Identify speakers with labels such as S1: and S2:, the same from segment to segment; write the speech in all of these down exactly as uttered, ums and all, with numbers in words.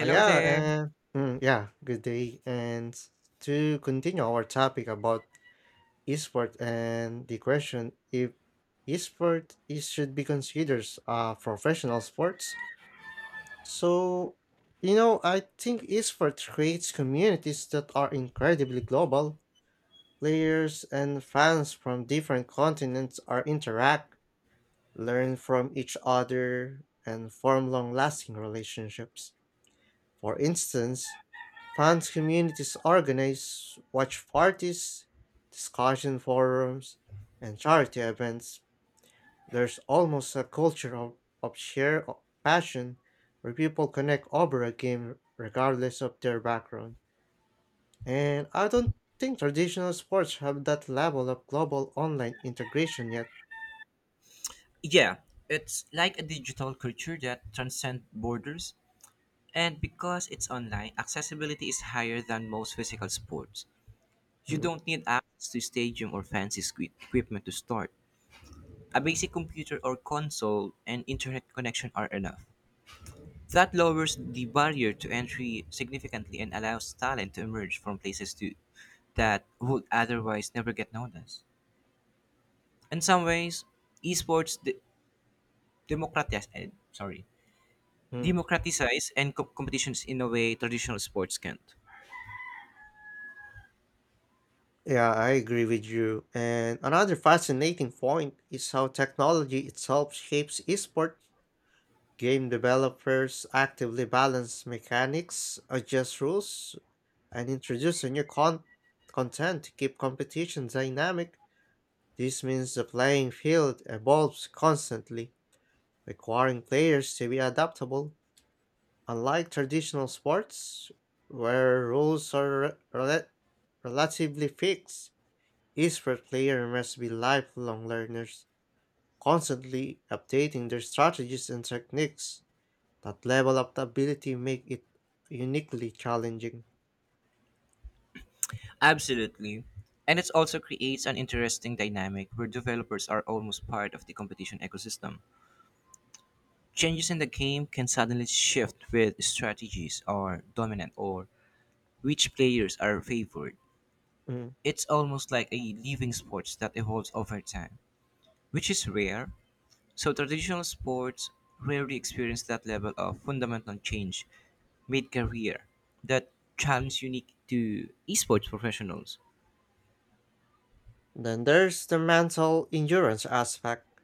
S1: Uh, yeah,
S2: there.
S1: and mm, yeah, good day. And to continue our topic about esport and the question if esport is should be considered a professional sports. So, you know, I think esport creates communities that are incredibly global. Players and fans from different continents are interact, learn from each other, and form long-lasting relationships. For instance, fan communities organize watch parties, discussion forums, and charity events. There's almost a culture of, of shared o- passion where people connect over a game regardless of their background. And I don't think traditional sports have that level of global online integration yet.
S2: Yeah, it's like a digital culture that transcends borders. And because it's online, accessibility is higher than most physical sports. You
S1: Mm,
S2: don't need access to stadium or fancy sque- equipment to start. A basic computer or console and internet connection are enough. That lowers the barrier to entry significantly and allows talent to emerge from places to, that would otherwise never get noticed. In some ways, esports de- democratize, eh, sorry,
S1: mm.
S2: democratize and co- competitions in a way traditional sports can't.
S1: Yeah, I agree with you. And another fascinating point is how technology itself shapes esport. Game developers actively balance mechanics, adjust rules, and introduce a new con- content to keep competition dynamic. This means the playing field evolves constantly, requiring players to be adaptable. Unlike traditional sports, where rules are rela- relatively fixed, esports players must be lifelong learners, constantly updating their strategies and techniques. That level of ability make it uniquely challenging.
S2: Absolutely. And it also creates an interesting dynamic where developers are almost part of the competition ecosystem. Changes in the game can suddenly shift with strategies are dominant or which players are favored.
S1: Mm.
S2: It's almost like a living sport that evolves over time, which is rare. So traditional sports rarely experience that level of fundamental change mid-career, that challenge unique to esports professionals.
S1: Then there's the mental endurance aspect.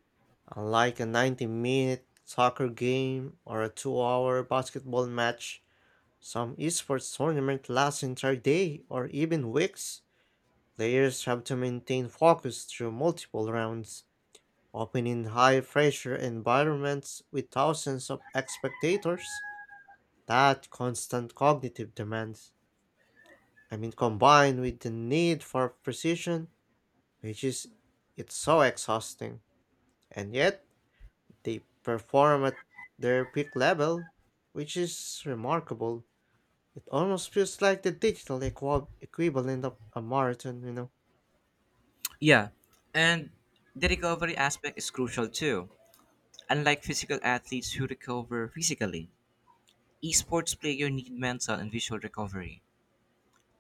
S1: Unlike a ninety minute soccer game or a two hour basketball match, some esports tournament lasts entire day or even weeks. Players have to maintain focus through multiple rounds, often in high pressure environments with thousands of spectators. That constant cognitive demand, I mean, combined with the need for precision, which is it's so exhausting. And yet, they perform at their peak level, which is remarkable. It almost feels like the digital equa- equivalent of a marathon, you know.
S2: Yeah, and the recovery aspect is crucial too. Unlike physical athletes who recover physically, esports players need mental and visual recovery.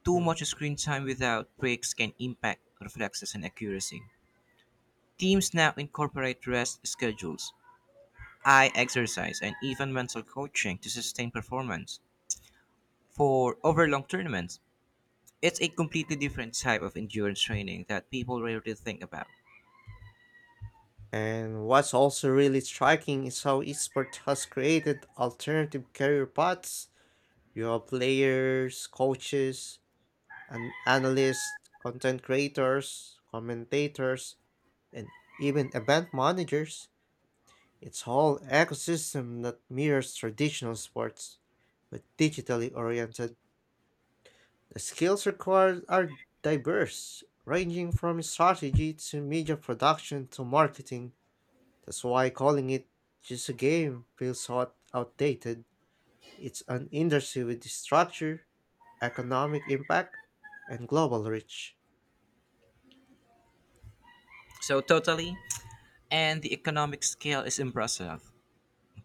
S2: Too
S1: Hmm.
S2: much screen time without breaks can impact reflexes and accuracy. Teams now incorporate rest schedules, eye exercise, and even mental coaching to sustain performance. For overlong tournaments, it's a completely different type of endurance training that people rarely think about.
S1: And what's also really striking is how esports has created alternative career paths. You have players, coaches, and analysts, content creators, commentators, and even event managers. It's whole ecosystem that mirrors traditional sports, but digitally oriented. The skills required are diverse, ranging from strategy to media production to marketing. That's why calling it just a game feels hot outdated. It's an industry with structure, economic impact, and global reach.
S2: So totally, and the economic scale is impressive.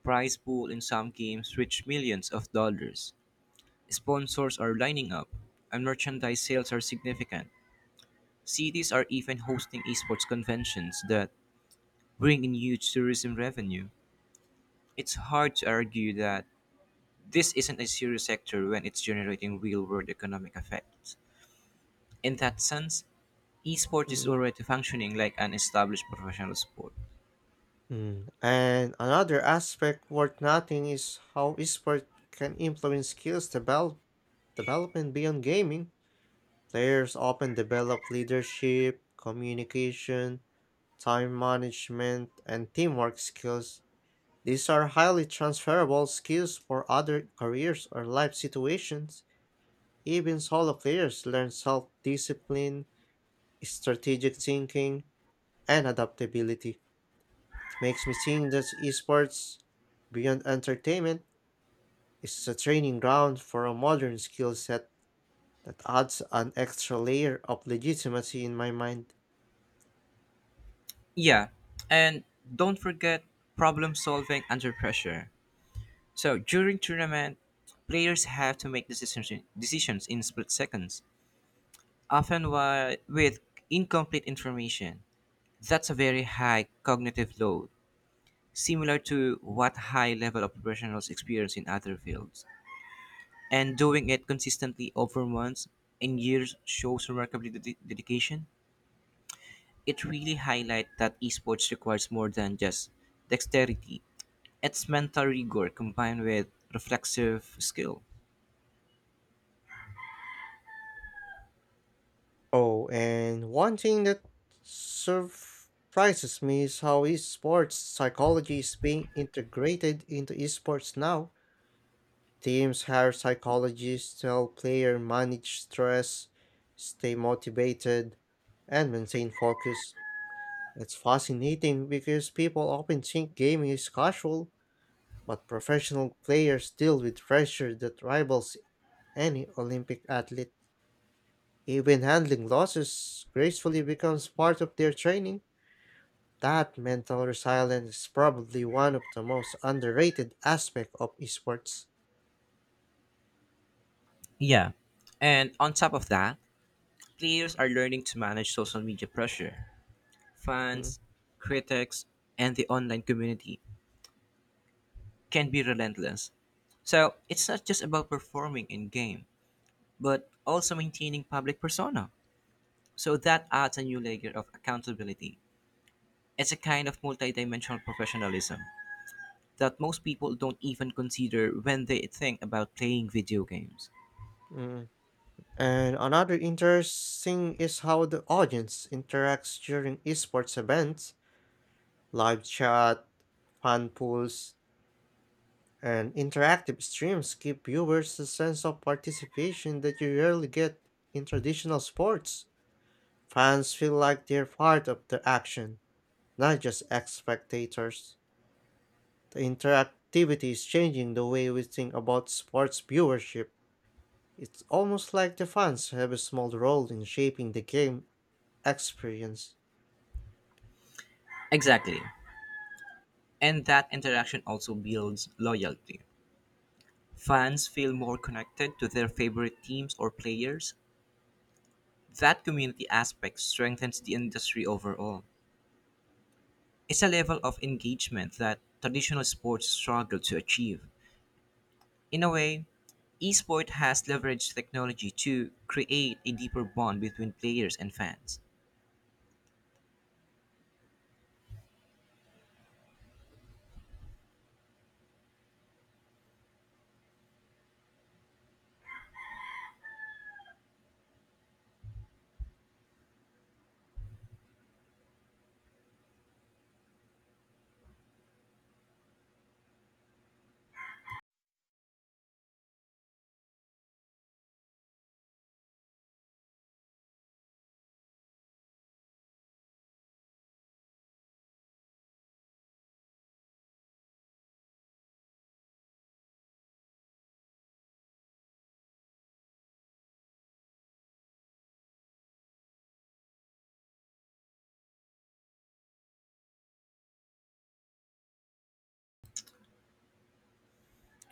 S2: Prize pool in some games reach millions of dollars. Sponsors are lining up, and merchandise sales are significant. Cities are even hosting esports conventions that bring in huge tourism revenue. It's hard to argue that this isn't a serious sector when it's generating real world economic effects. In that sense, esport is
S1: Mm.
S2: already functioning like an established professional sport.
S1: Mm. And another aspect worth noting is how esports can influence skills develop, development beyond gaming. Players often develop leadership, communication, time management, and teamwork skills. These are highly transferable skills for other careers or life situations. Even solo players learn self discipline, strategic thinking, and adaptability. It makes me think that esports, beyond entertainment, is a training ground for a modern skill set that adds an extra layer of legitimacy in my mind.
S2: Yeah, and don't forget problem solving under pressure. So during tournament, players have to make decisions decisions in split seconds, often while, with incomplete information. That's a very high cognitive load, similar to what high level of professionals experience in other fields. And doing it consistently over months and years shows remarkable ded- dedication. It really highlights that esports requires more than just dexterity. It's mental rigor combined with reflexive skill.
S1: Oh, and one thing that surprises me is how esports psychology is being integrated into esports now. Teams hire psychologists to help players manage stress, stay motivated, and maintain focus. It's fascinating because people often think gaming is casual, but professional players deal with pressure that rivals any Olympic athlete. Even handling losses gracefully becomes part of their training. That mental resilience is probably one of the most underrated aspects of esports.
S2: Yeah. And on top of that, players are learning to manage social media pressure.
S1: Mm,
S2: Fans, critics, and the online community can be relentless. So it's not just about performing in game, but also maintaining public persona. So that adds a new layer of accountability. It's a kind of multidimensional professionalism that most people don't even consider when they think about playing video games.
S1: mm. And another interesting is how the audience interacts during esports events. Live chat, fan pools, and interactive streams give viewers a sense of participation that you rarely get in traditional sports. Fans feel like they're part of the action not just ex spectators. The interactivity is changing the way we think about sports viewership. It's almost like the fans have a small role in shaping the game experience.
S2: Exactly. And that interaction also builds loyalty. Fans feel more connected to their favorite teams or players. That community aspect strengthens the industry overall. It's a level of engagement that traditional sports struggle to achieve. In a way, esport has leveraged technology to create a deeper bond between players and fans.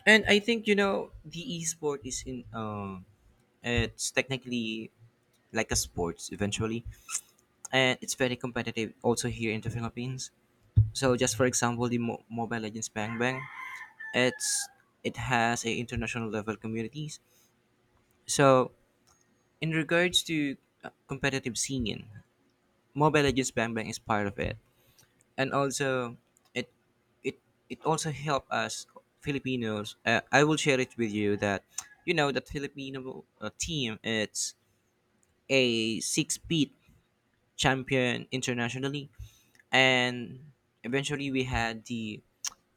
S2: And I think you know the esport is in um it's technically like a sports eventually, and it's very competitive also here in the Philippines. So just for example, the Mo- Mobile Legends Bang Bang, it's it has a international level communities. So in regards to uh, competitive scene, Mobile Legends Bang Bang is part of it. And also, it it it also helped us Filipinos. Uh, I will share it with you that you know that Filipino uh, team, it's a six peat champion internationally, and eventually we had the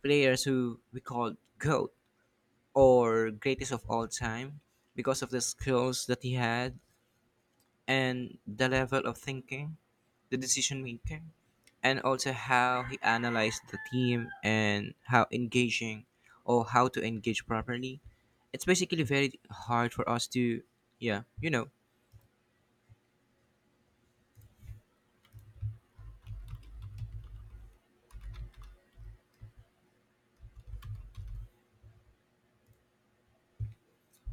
S2: players who we called GOAT, or greatest of all time, because of the skills that he had and the level of thinking, the decision making, and also how he analyzed the team and how engaging or how to engage properly. It's basically very hard for us to, yeah, you know.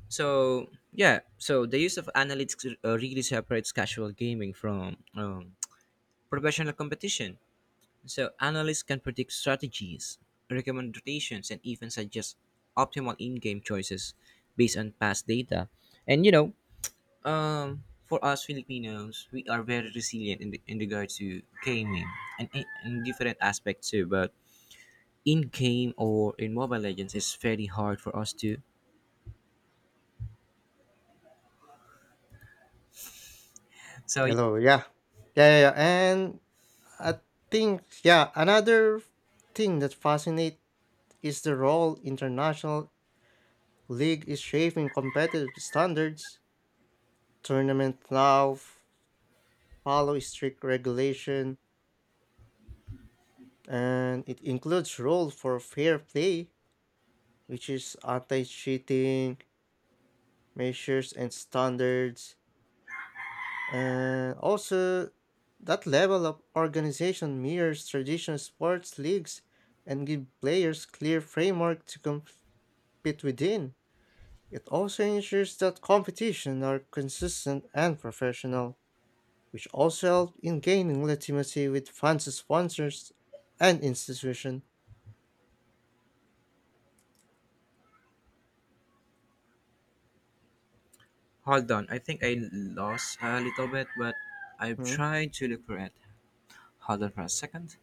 S2: So yeah, so the use of analytics uh, really separates casual gaming from um, professional competition. So analysts can predict strategies, recommend rotations, and even suggest optimal in-game choices based on past data. And you know, Um, for us Filipinos, we are very resilient in, in regard to gaming and in, in different aspects too. But in game or in Mobile Legends, it's very hard for us to. So
S1: Hello, yeah. Yeah, yeah, yeah. And I think, yeah, another thing that fascinates is the role international league is shaping competitive standards. Tournament now f- follow strict regulation and it includes rules for fair play which is anti-cheating measures and standards. And also, that level of organization mirrors traditional sports leagues and give players clear framework to compete within. It also ensures that competition are consistent and professional, which also help in gaining legitimacy with fans, sponsors, and institution.
S2: hold on, I think I lost a little bit, but I've
S1: Hmm.
S2: tried to look for it. Hold on for a second.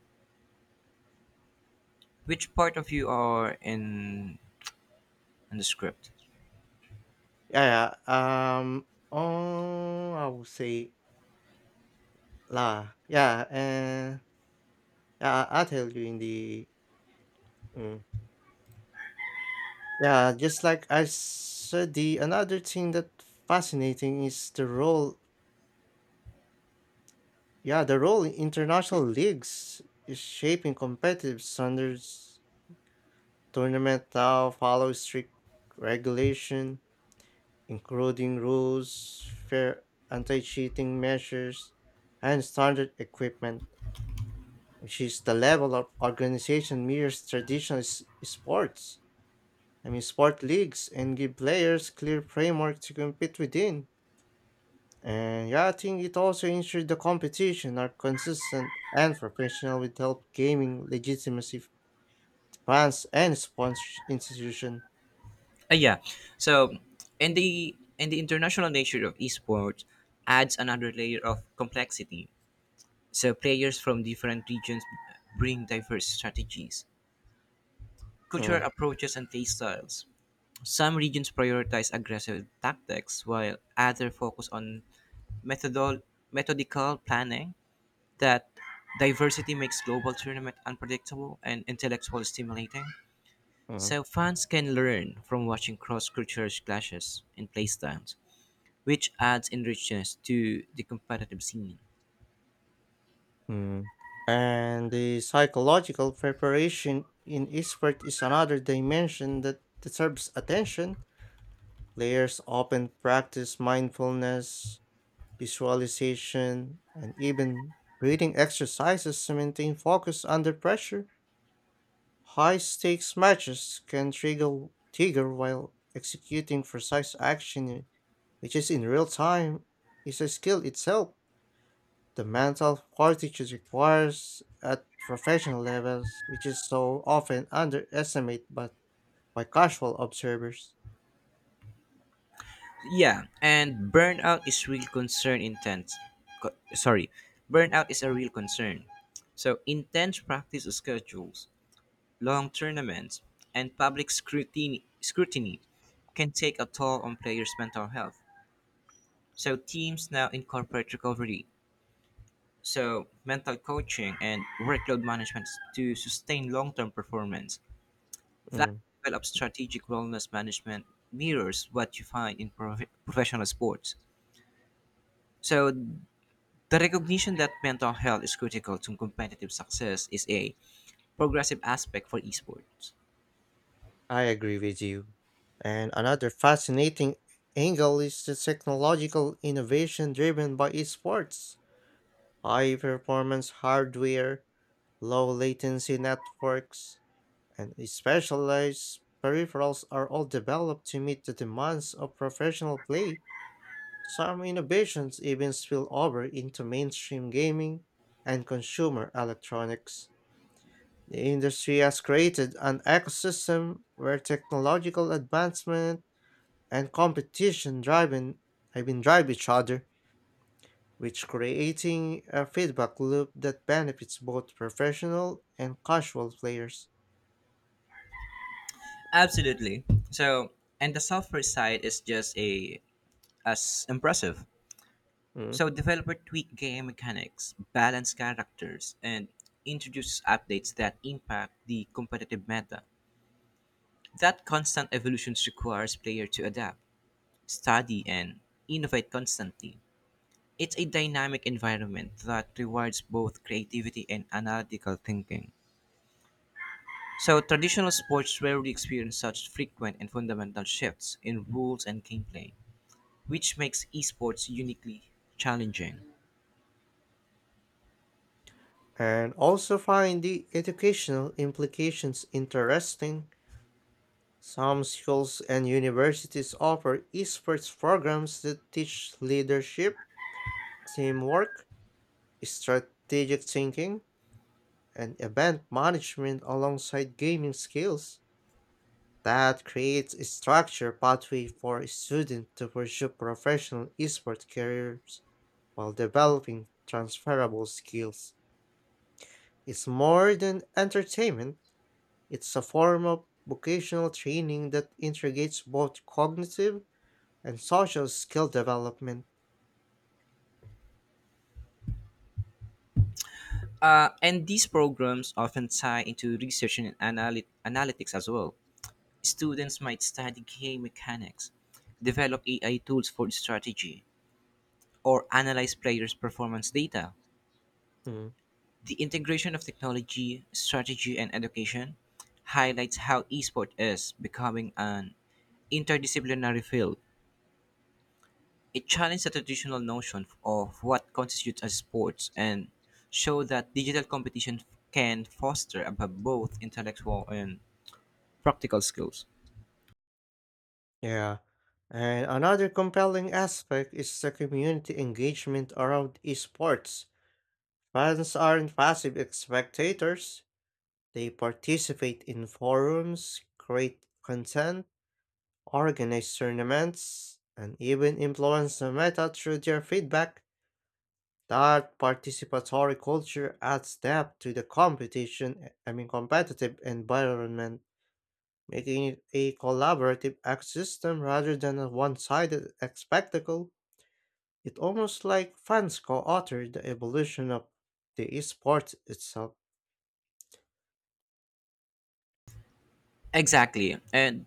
S2: Which part of you are in in the script?
S1: Yeah, yeah, um, oh, I would say La yeah, and yeah, I'll tell you in the mm, yeah, just like I said, the another thing that fascinating is the role yeah, the role international leagues is shaping competitive standards. Tournament now follow strict regulation, including rules, fair anti-cheating measures, and standard equipment, which is the level of organization mirrors traditional s- sports. I mean, sport leagues and give players clear framework to compete within. And yeah, I think it also ensures the competition are consistent and professional with help gaming legitimacy f- fans and sponsor institution.
S2: Uh, yeah. So in the in the international nature of esports adds another layer of complexity. So players from different regions bring diverse strategies, cultural
S1: Mm,
S2: approaches, and play styles. Some regions prioritize aggressive tactics, while others focus on methodol- methodical planning. That diversity makes global tournament unpredictable and intellectually stimulating.
S1: mm,
S2: So fans can learn from watching cross-cultural clashes and playstyles, which adds enrichness to the competitive scene.
S1: mm. And the psychological preparation in esport is another dimension that deserves attention. Players often practice mindfulness, visualization, and even breathing exercises to maintain focus under pressure. High stakes matches can trigger, trigger while executing precise action, which is in real time, is a skill itself. The mental fortitude requires at professional levels, which is so often underestimated but by casual observers.
S2: Yeah, and burnout is real concern intense. Co- sorry, Burnout is a real concern. So intense practice schedules, long tournaments, and public scrutiny scrutiny can take a toll on players' mental health. So teams now incorporate recovery, so mental coaching and workload management to sustain long-term performance. That
S1: Mm.
S2: level of strategic wellness management mirrors what you find in prof- professional sports. So the recognition that mental health is critical to competitive success is a progressive aspect for esports.
S1: I agree with you. And another fascinating angle is the technological innovation driven by esports. High performance hardware, low latency networks, and specialized peripherals are all developed to meet the demands of professional play. Some innovations even spill over into mainstream gaming and consumer electronics. The industry has created an ecosystem where technological advancement and competition driving I mean drive each other, which creating a feedback loop that benefits both professional and casual players.
S2: Absolutely. So, and the software side is just a as impressive.
S1: Mm.
S2: So developer tweak game mechanics, balance characters, and introduce updates that impact the competitive meta. That constant evolution requires player to adapt, study, and innovate constantly. It's a dynamic environment that rewards both creativity and analytical thinking. So traditional sports rarely experience such frequent and fundamental shifts in rules and gameplay, which makes esports uniquely challenging.
S1: And also find the educational implications interesting. Some schools and universities offer esports programs that teach leadership, teamwork, strategic thinking, and event management alongside gaming skills. That creates a structured pathway for students to pursue professional esports careers while developing transferable skills. It's more than entertainment, it's a form of vocational training that integrates both cognitive and social skill development.
S2: Uh, and these programs often tie into research and analy- analytics as well. Students might study game mechanics, develop A I tools for strategy, or analyze players' performance data.
S1: Hmm,
S2: The integration of technology, strategy, and education highlights how esports is becoming an interdisciplinary field. It challenged the traditional notion of what constitutes as sports and showed that digital competition can foster above both intellectual and practical skills.
S1: Yeah. And another compelling aspect is the community engagement around esports. Fans aren't passive spectators, they participate in forums, create content, organize tournaments, and even influence the meta through their feedback. That participatory culture adds depth to the competition, I mean competitive environment, making it a collaborative ecosystem rather than a one-sided spectacle. It almost like fans co-author the evolution of the esports itself.
S2: Exactly. And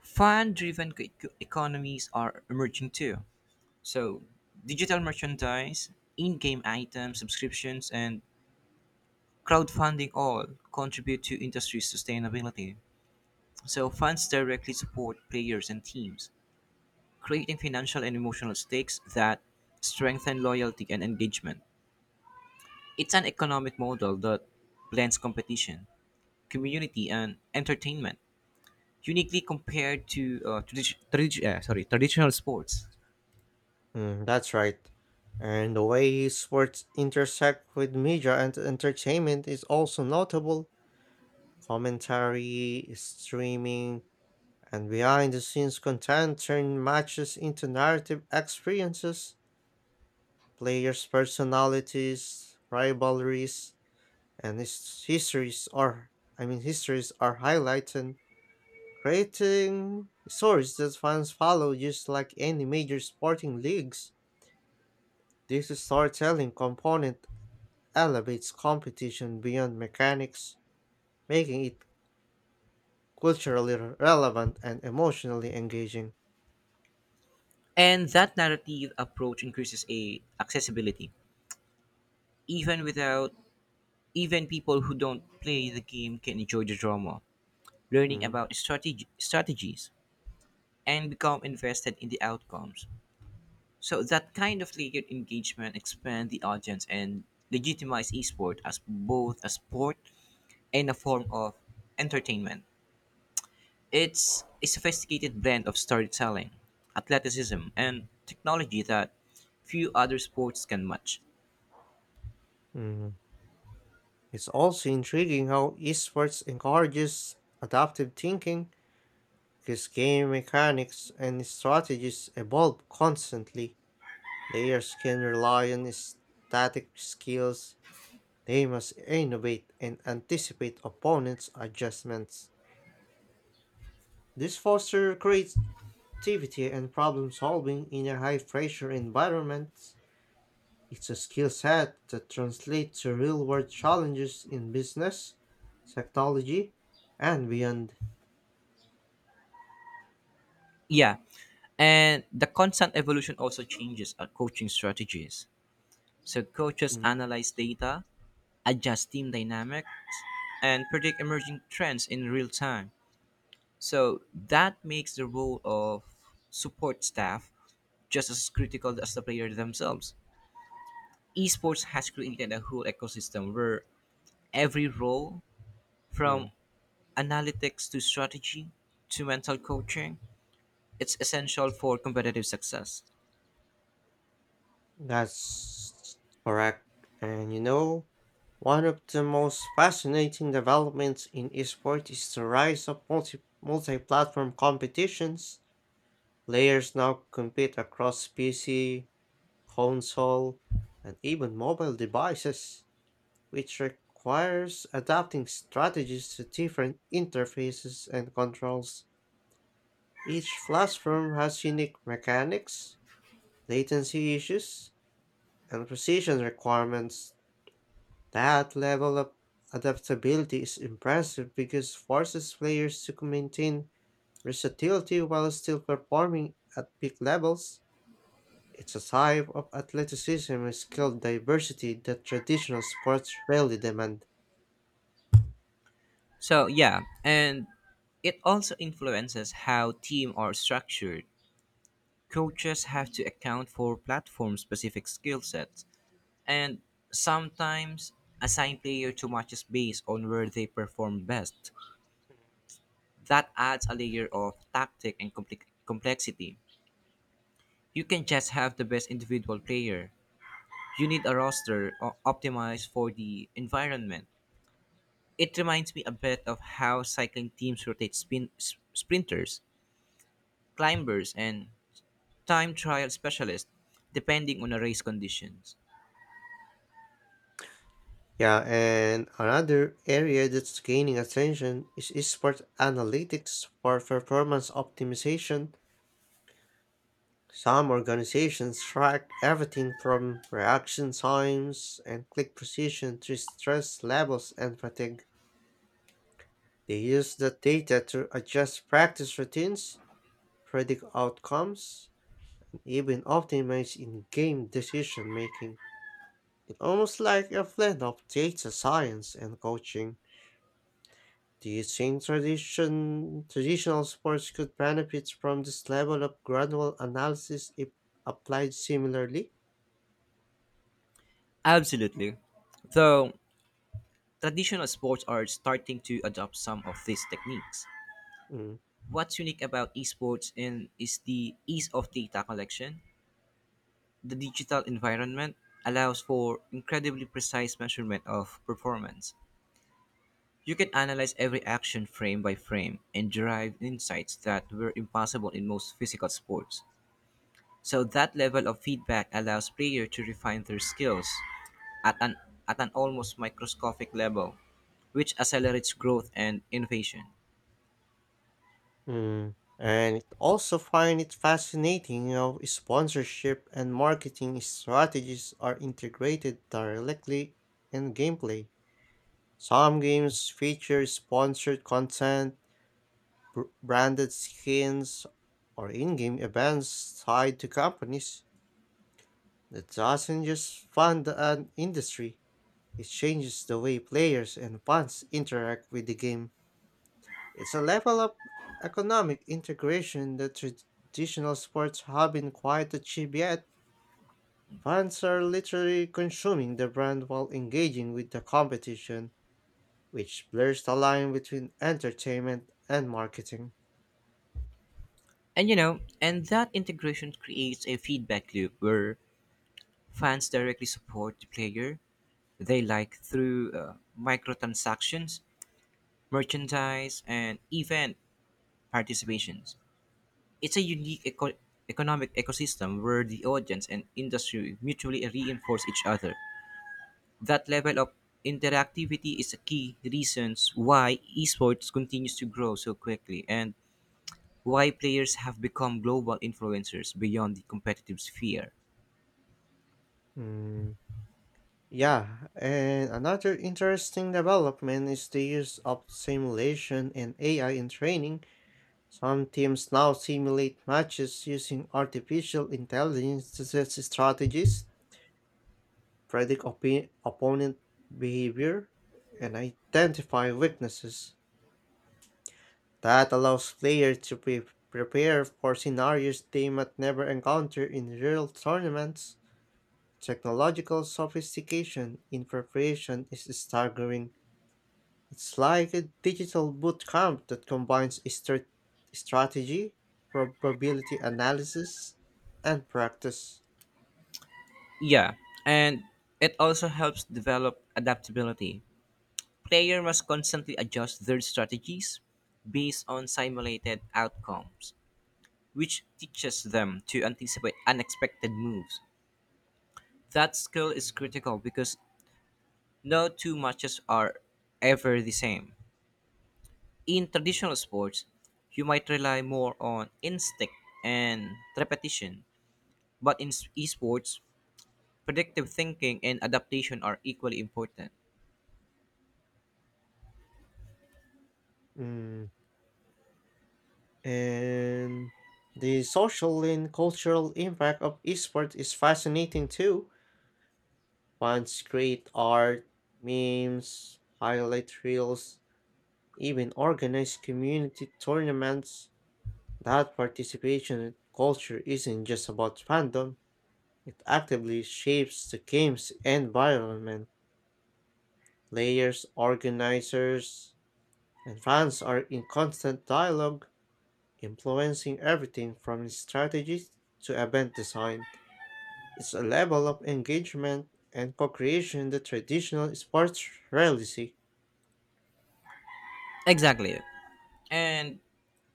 S2: fan driven economies are emerging too. So digital merchandise, in game items, subscriptions, and crowdfunding all contribute to industry sustainability. So fans directly support players and teams, creating financial and emotional stakes that strengthen loyalty and engagement. It's an economic model that blends competition, community, and entertainment, uniquely compared to uh, tradi- tradi- uh, sorry, traditional sports.
S1: Mm, that's right. And the way sports intersect with media and entertainment is also notable. Commentary, streaming, and behind the scenes content turn matches into narrative experiences. Players' personalities, rivalries, and his- histories are I mean histories are highlighted, creating stories that fans follow just like any major sporting leagues. This storytelling component elevates competition beyond mechanics, making it culturally re- relevant and emotionally engaging.
S2: And that narrative approach increases a accessibility. Even without Even people who don't play the game can enjoy the drama, learning
S1: Mm,
S2: about strategy, strategies, and become invested in the outcomes. So that kind of layered engagement expand the audience and legitimize esport as both a sport and a form of entertainment. It's a sophisticated blend of storytelling, athleticism, and technology that few other sports can match.
S1: mm. It's also intriguing how esports encourages adaptive thinking because game mechanics and strategies evolve constantly. Players can rely on static skills, they must innovate and anticipate opponents' adjustments. This fosters creates Creativity and problem solving in a high pressure environment. It's a skill set that translates to real world challenges in business, technology, and beyond.
S2: Yeah, and the constant evolution also changes our coaching strategies. So coaches
S1: Mm,
S2: analyze data, adjust team dynamics, and predict emerging trends in real time. So that makes the role of support staff just as critical as the players themselves. Esports has created a whole ecosystem where every role, from
S1: mm.
S2: analytics to strategy to mental coaching, it's essential for competitive success.
S1: That's correct. And you know, one of the most fascinating developments in esports is the rise of multi multi platform competitions. Players now compete across P C, console, and even mobile devices, which requires adapting strategies to different interfaces and controls. Each platform has unique mechanics, latency issues, and precision requirements. That level of adaptability is impressive because forces players to maintain versatility while still performing at peak levels. It's a type of athleticism and skill diversity that traditional sports rarely demand.
S2: So yeah, and it also influences how team are structured. Coaches have to account for platform specific skill sets. And sometimes assign player to matches based on where they perform best. That adds a layer of tactic and compli- complexity. You can just have the best individual player. You need a roster o- optimized for the environment. It reminds me a bit of how cycling teams rotate spin- s- sprinters, climbers, and time trial specialists depending on the race conditions.
S1: Yeah, and another area that's gaining attention is esports analytics for performance optimization. Some organizations track everything from reaction times and click precision to stress levels and fatigue. They use that data to adjust practice routines, predict outcomes, and even optimize in game decision making. It's almost like a blend of data science and coaching. Do you think tradition, traditional sports could benefit from this level of gradual analysis if applied similarly?
S2: Absolutely. Though traditional sports are starting to adopt some of these techniques.
S1: Mm.
S2: What's unique about esports and is the ease of data collection. The digital environment allows for incredibly precise measurement of performance. You can analyze every action frame by frame and derive insights that were impossible in most physical sports. So that level of feedback allows players to refine their skills at an at an almost microscopic level, which accelerates growth and innovation.
S1: Mm. And also find it fascinating how sponsorship and marketing strategies are integrated directly in gameplay. Some games feature sponsored content, br- branded skins, or in-game events tied to companies. That doesn't just fund an industry. It changes the way players and funds interact with the game. It's a level of economic integration that traditional sports haven't quite achieved yet. Fans are literally consuming the brand while engaging with the competition, which blurs the line between entertainment and marketing.
S2: And you know, and that integration creates a feedback loop where fans directly support the player. They like through uh, microtransactions, merchandise, and event participations. It's a unique eco- economic ecosystem where the audience and industry mutually reinforce each other. That level of interactivity is a key reason why esports continues to grow so quickly and why players have become global influencers beyond the competitive sphere.
S1: Mm, yeah, and another interesting development is the use of simulation and A I in training. Some teams now simulate matches using artificial intelligence to set strategies, predict opi- opponent behavior, and identify weaknesses. That allows players to pre- prepare for scenarios they might never encounter in real tournaments. Technological sophistication in preparation is staggering. It's like a digital boot camp that combines strat- strategy, probability analysis, and practice.
S2: Yeah, and it also helps develop adaptability. Player must constantly adjust their strategies based on simulated outcomes, which teaches them to anticipate unexpected moves. That skill is critical because no two matches are ever the same. In traditional sports, you might rely more on instinct and repetition, but in s- esports, predictive thinking and adaptation are equally important.
S1: Mm. And the social and cultural impact of esports is fascinating too. Fans create art, memes, highlight reels, even organize community tournaments. That participation culture isn't just about fandom, it actively shapes the game's environment. Players, organizers, and fans are in constant dialogue, influencing everything from strategy to event design. It's a level of engagement and co creation that traditional sports rarely see.
S2: Exactly. And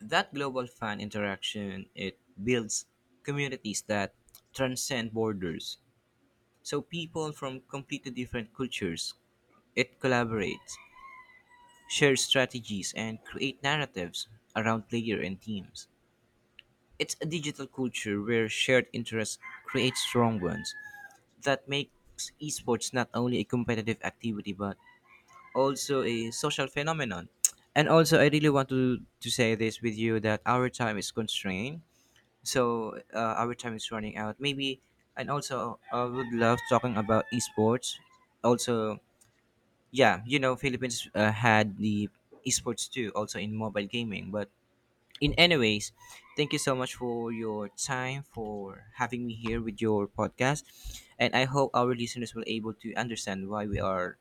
S2: that global fan interaction, it builds communities that transcend borders. So people from completely different cultures, it collaborates, shares strategies, and create narratives around player and teams. It's a digital culture where shared interests create strong ones that makes esports not only a competitive activity but also a social phenomenon. And also, I really want to, to say this with you that our time is constrained, so uh, our time is running out maybe, and also I would love talking about esports also. Yeah, you know, Philippines uh, had the esports too, also in mobile gaming, but in anyways, thank you so much for your time for having me here with your podcast, and I hope our listeners will able to understand why we are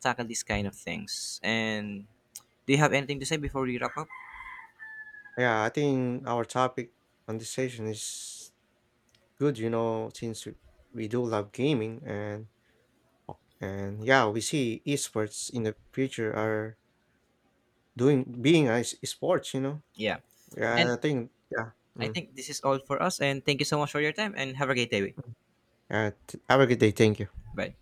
S2: tackle these kind of things. And do you have anything to say before we wrap up?
S1: Yeah, I think our topic conversation is good, you know, since we we do love gaming and and yeah, we see esports in the future are doing being a s- sports, you know?
S2: Yeah, and
S1: Yeah, I think yeah,
S2: I
S1: mm.
S2: think this is all for us, and thank you so much for your time, and have a great day.
S1: Alright, have a good day, thank you.
S2: Bye.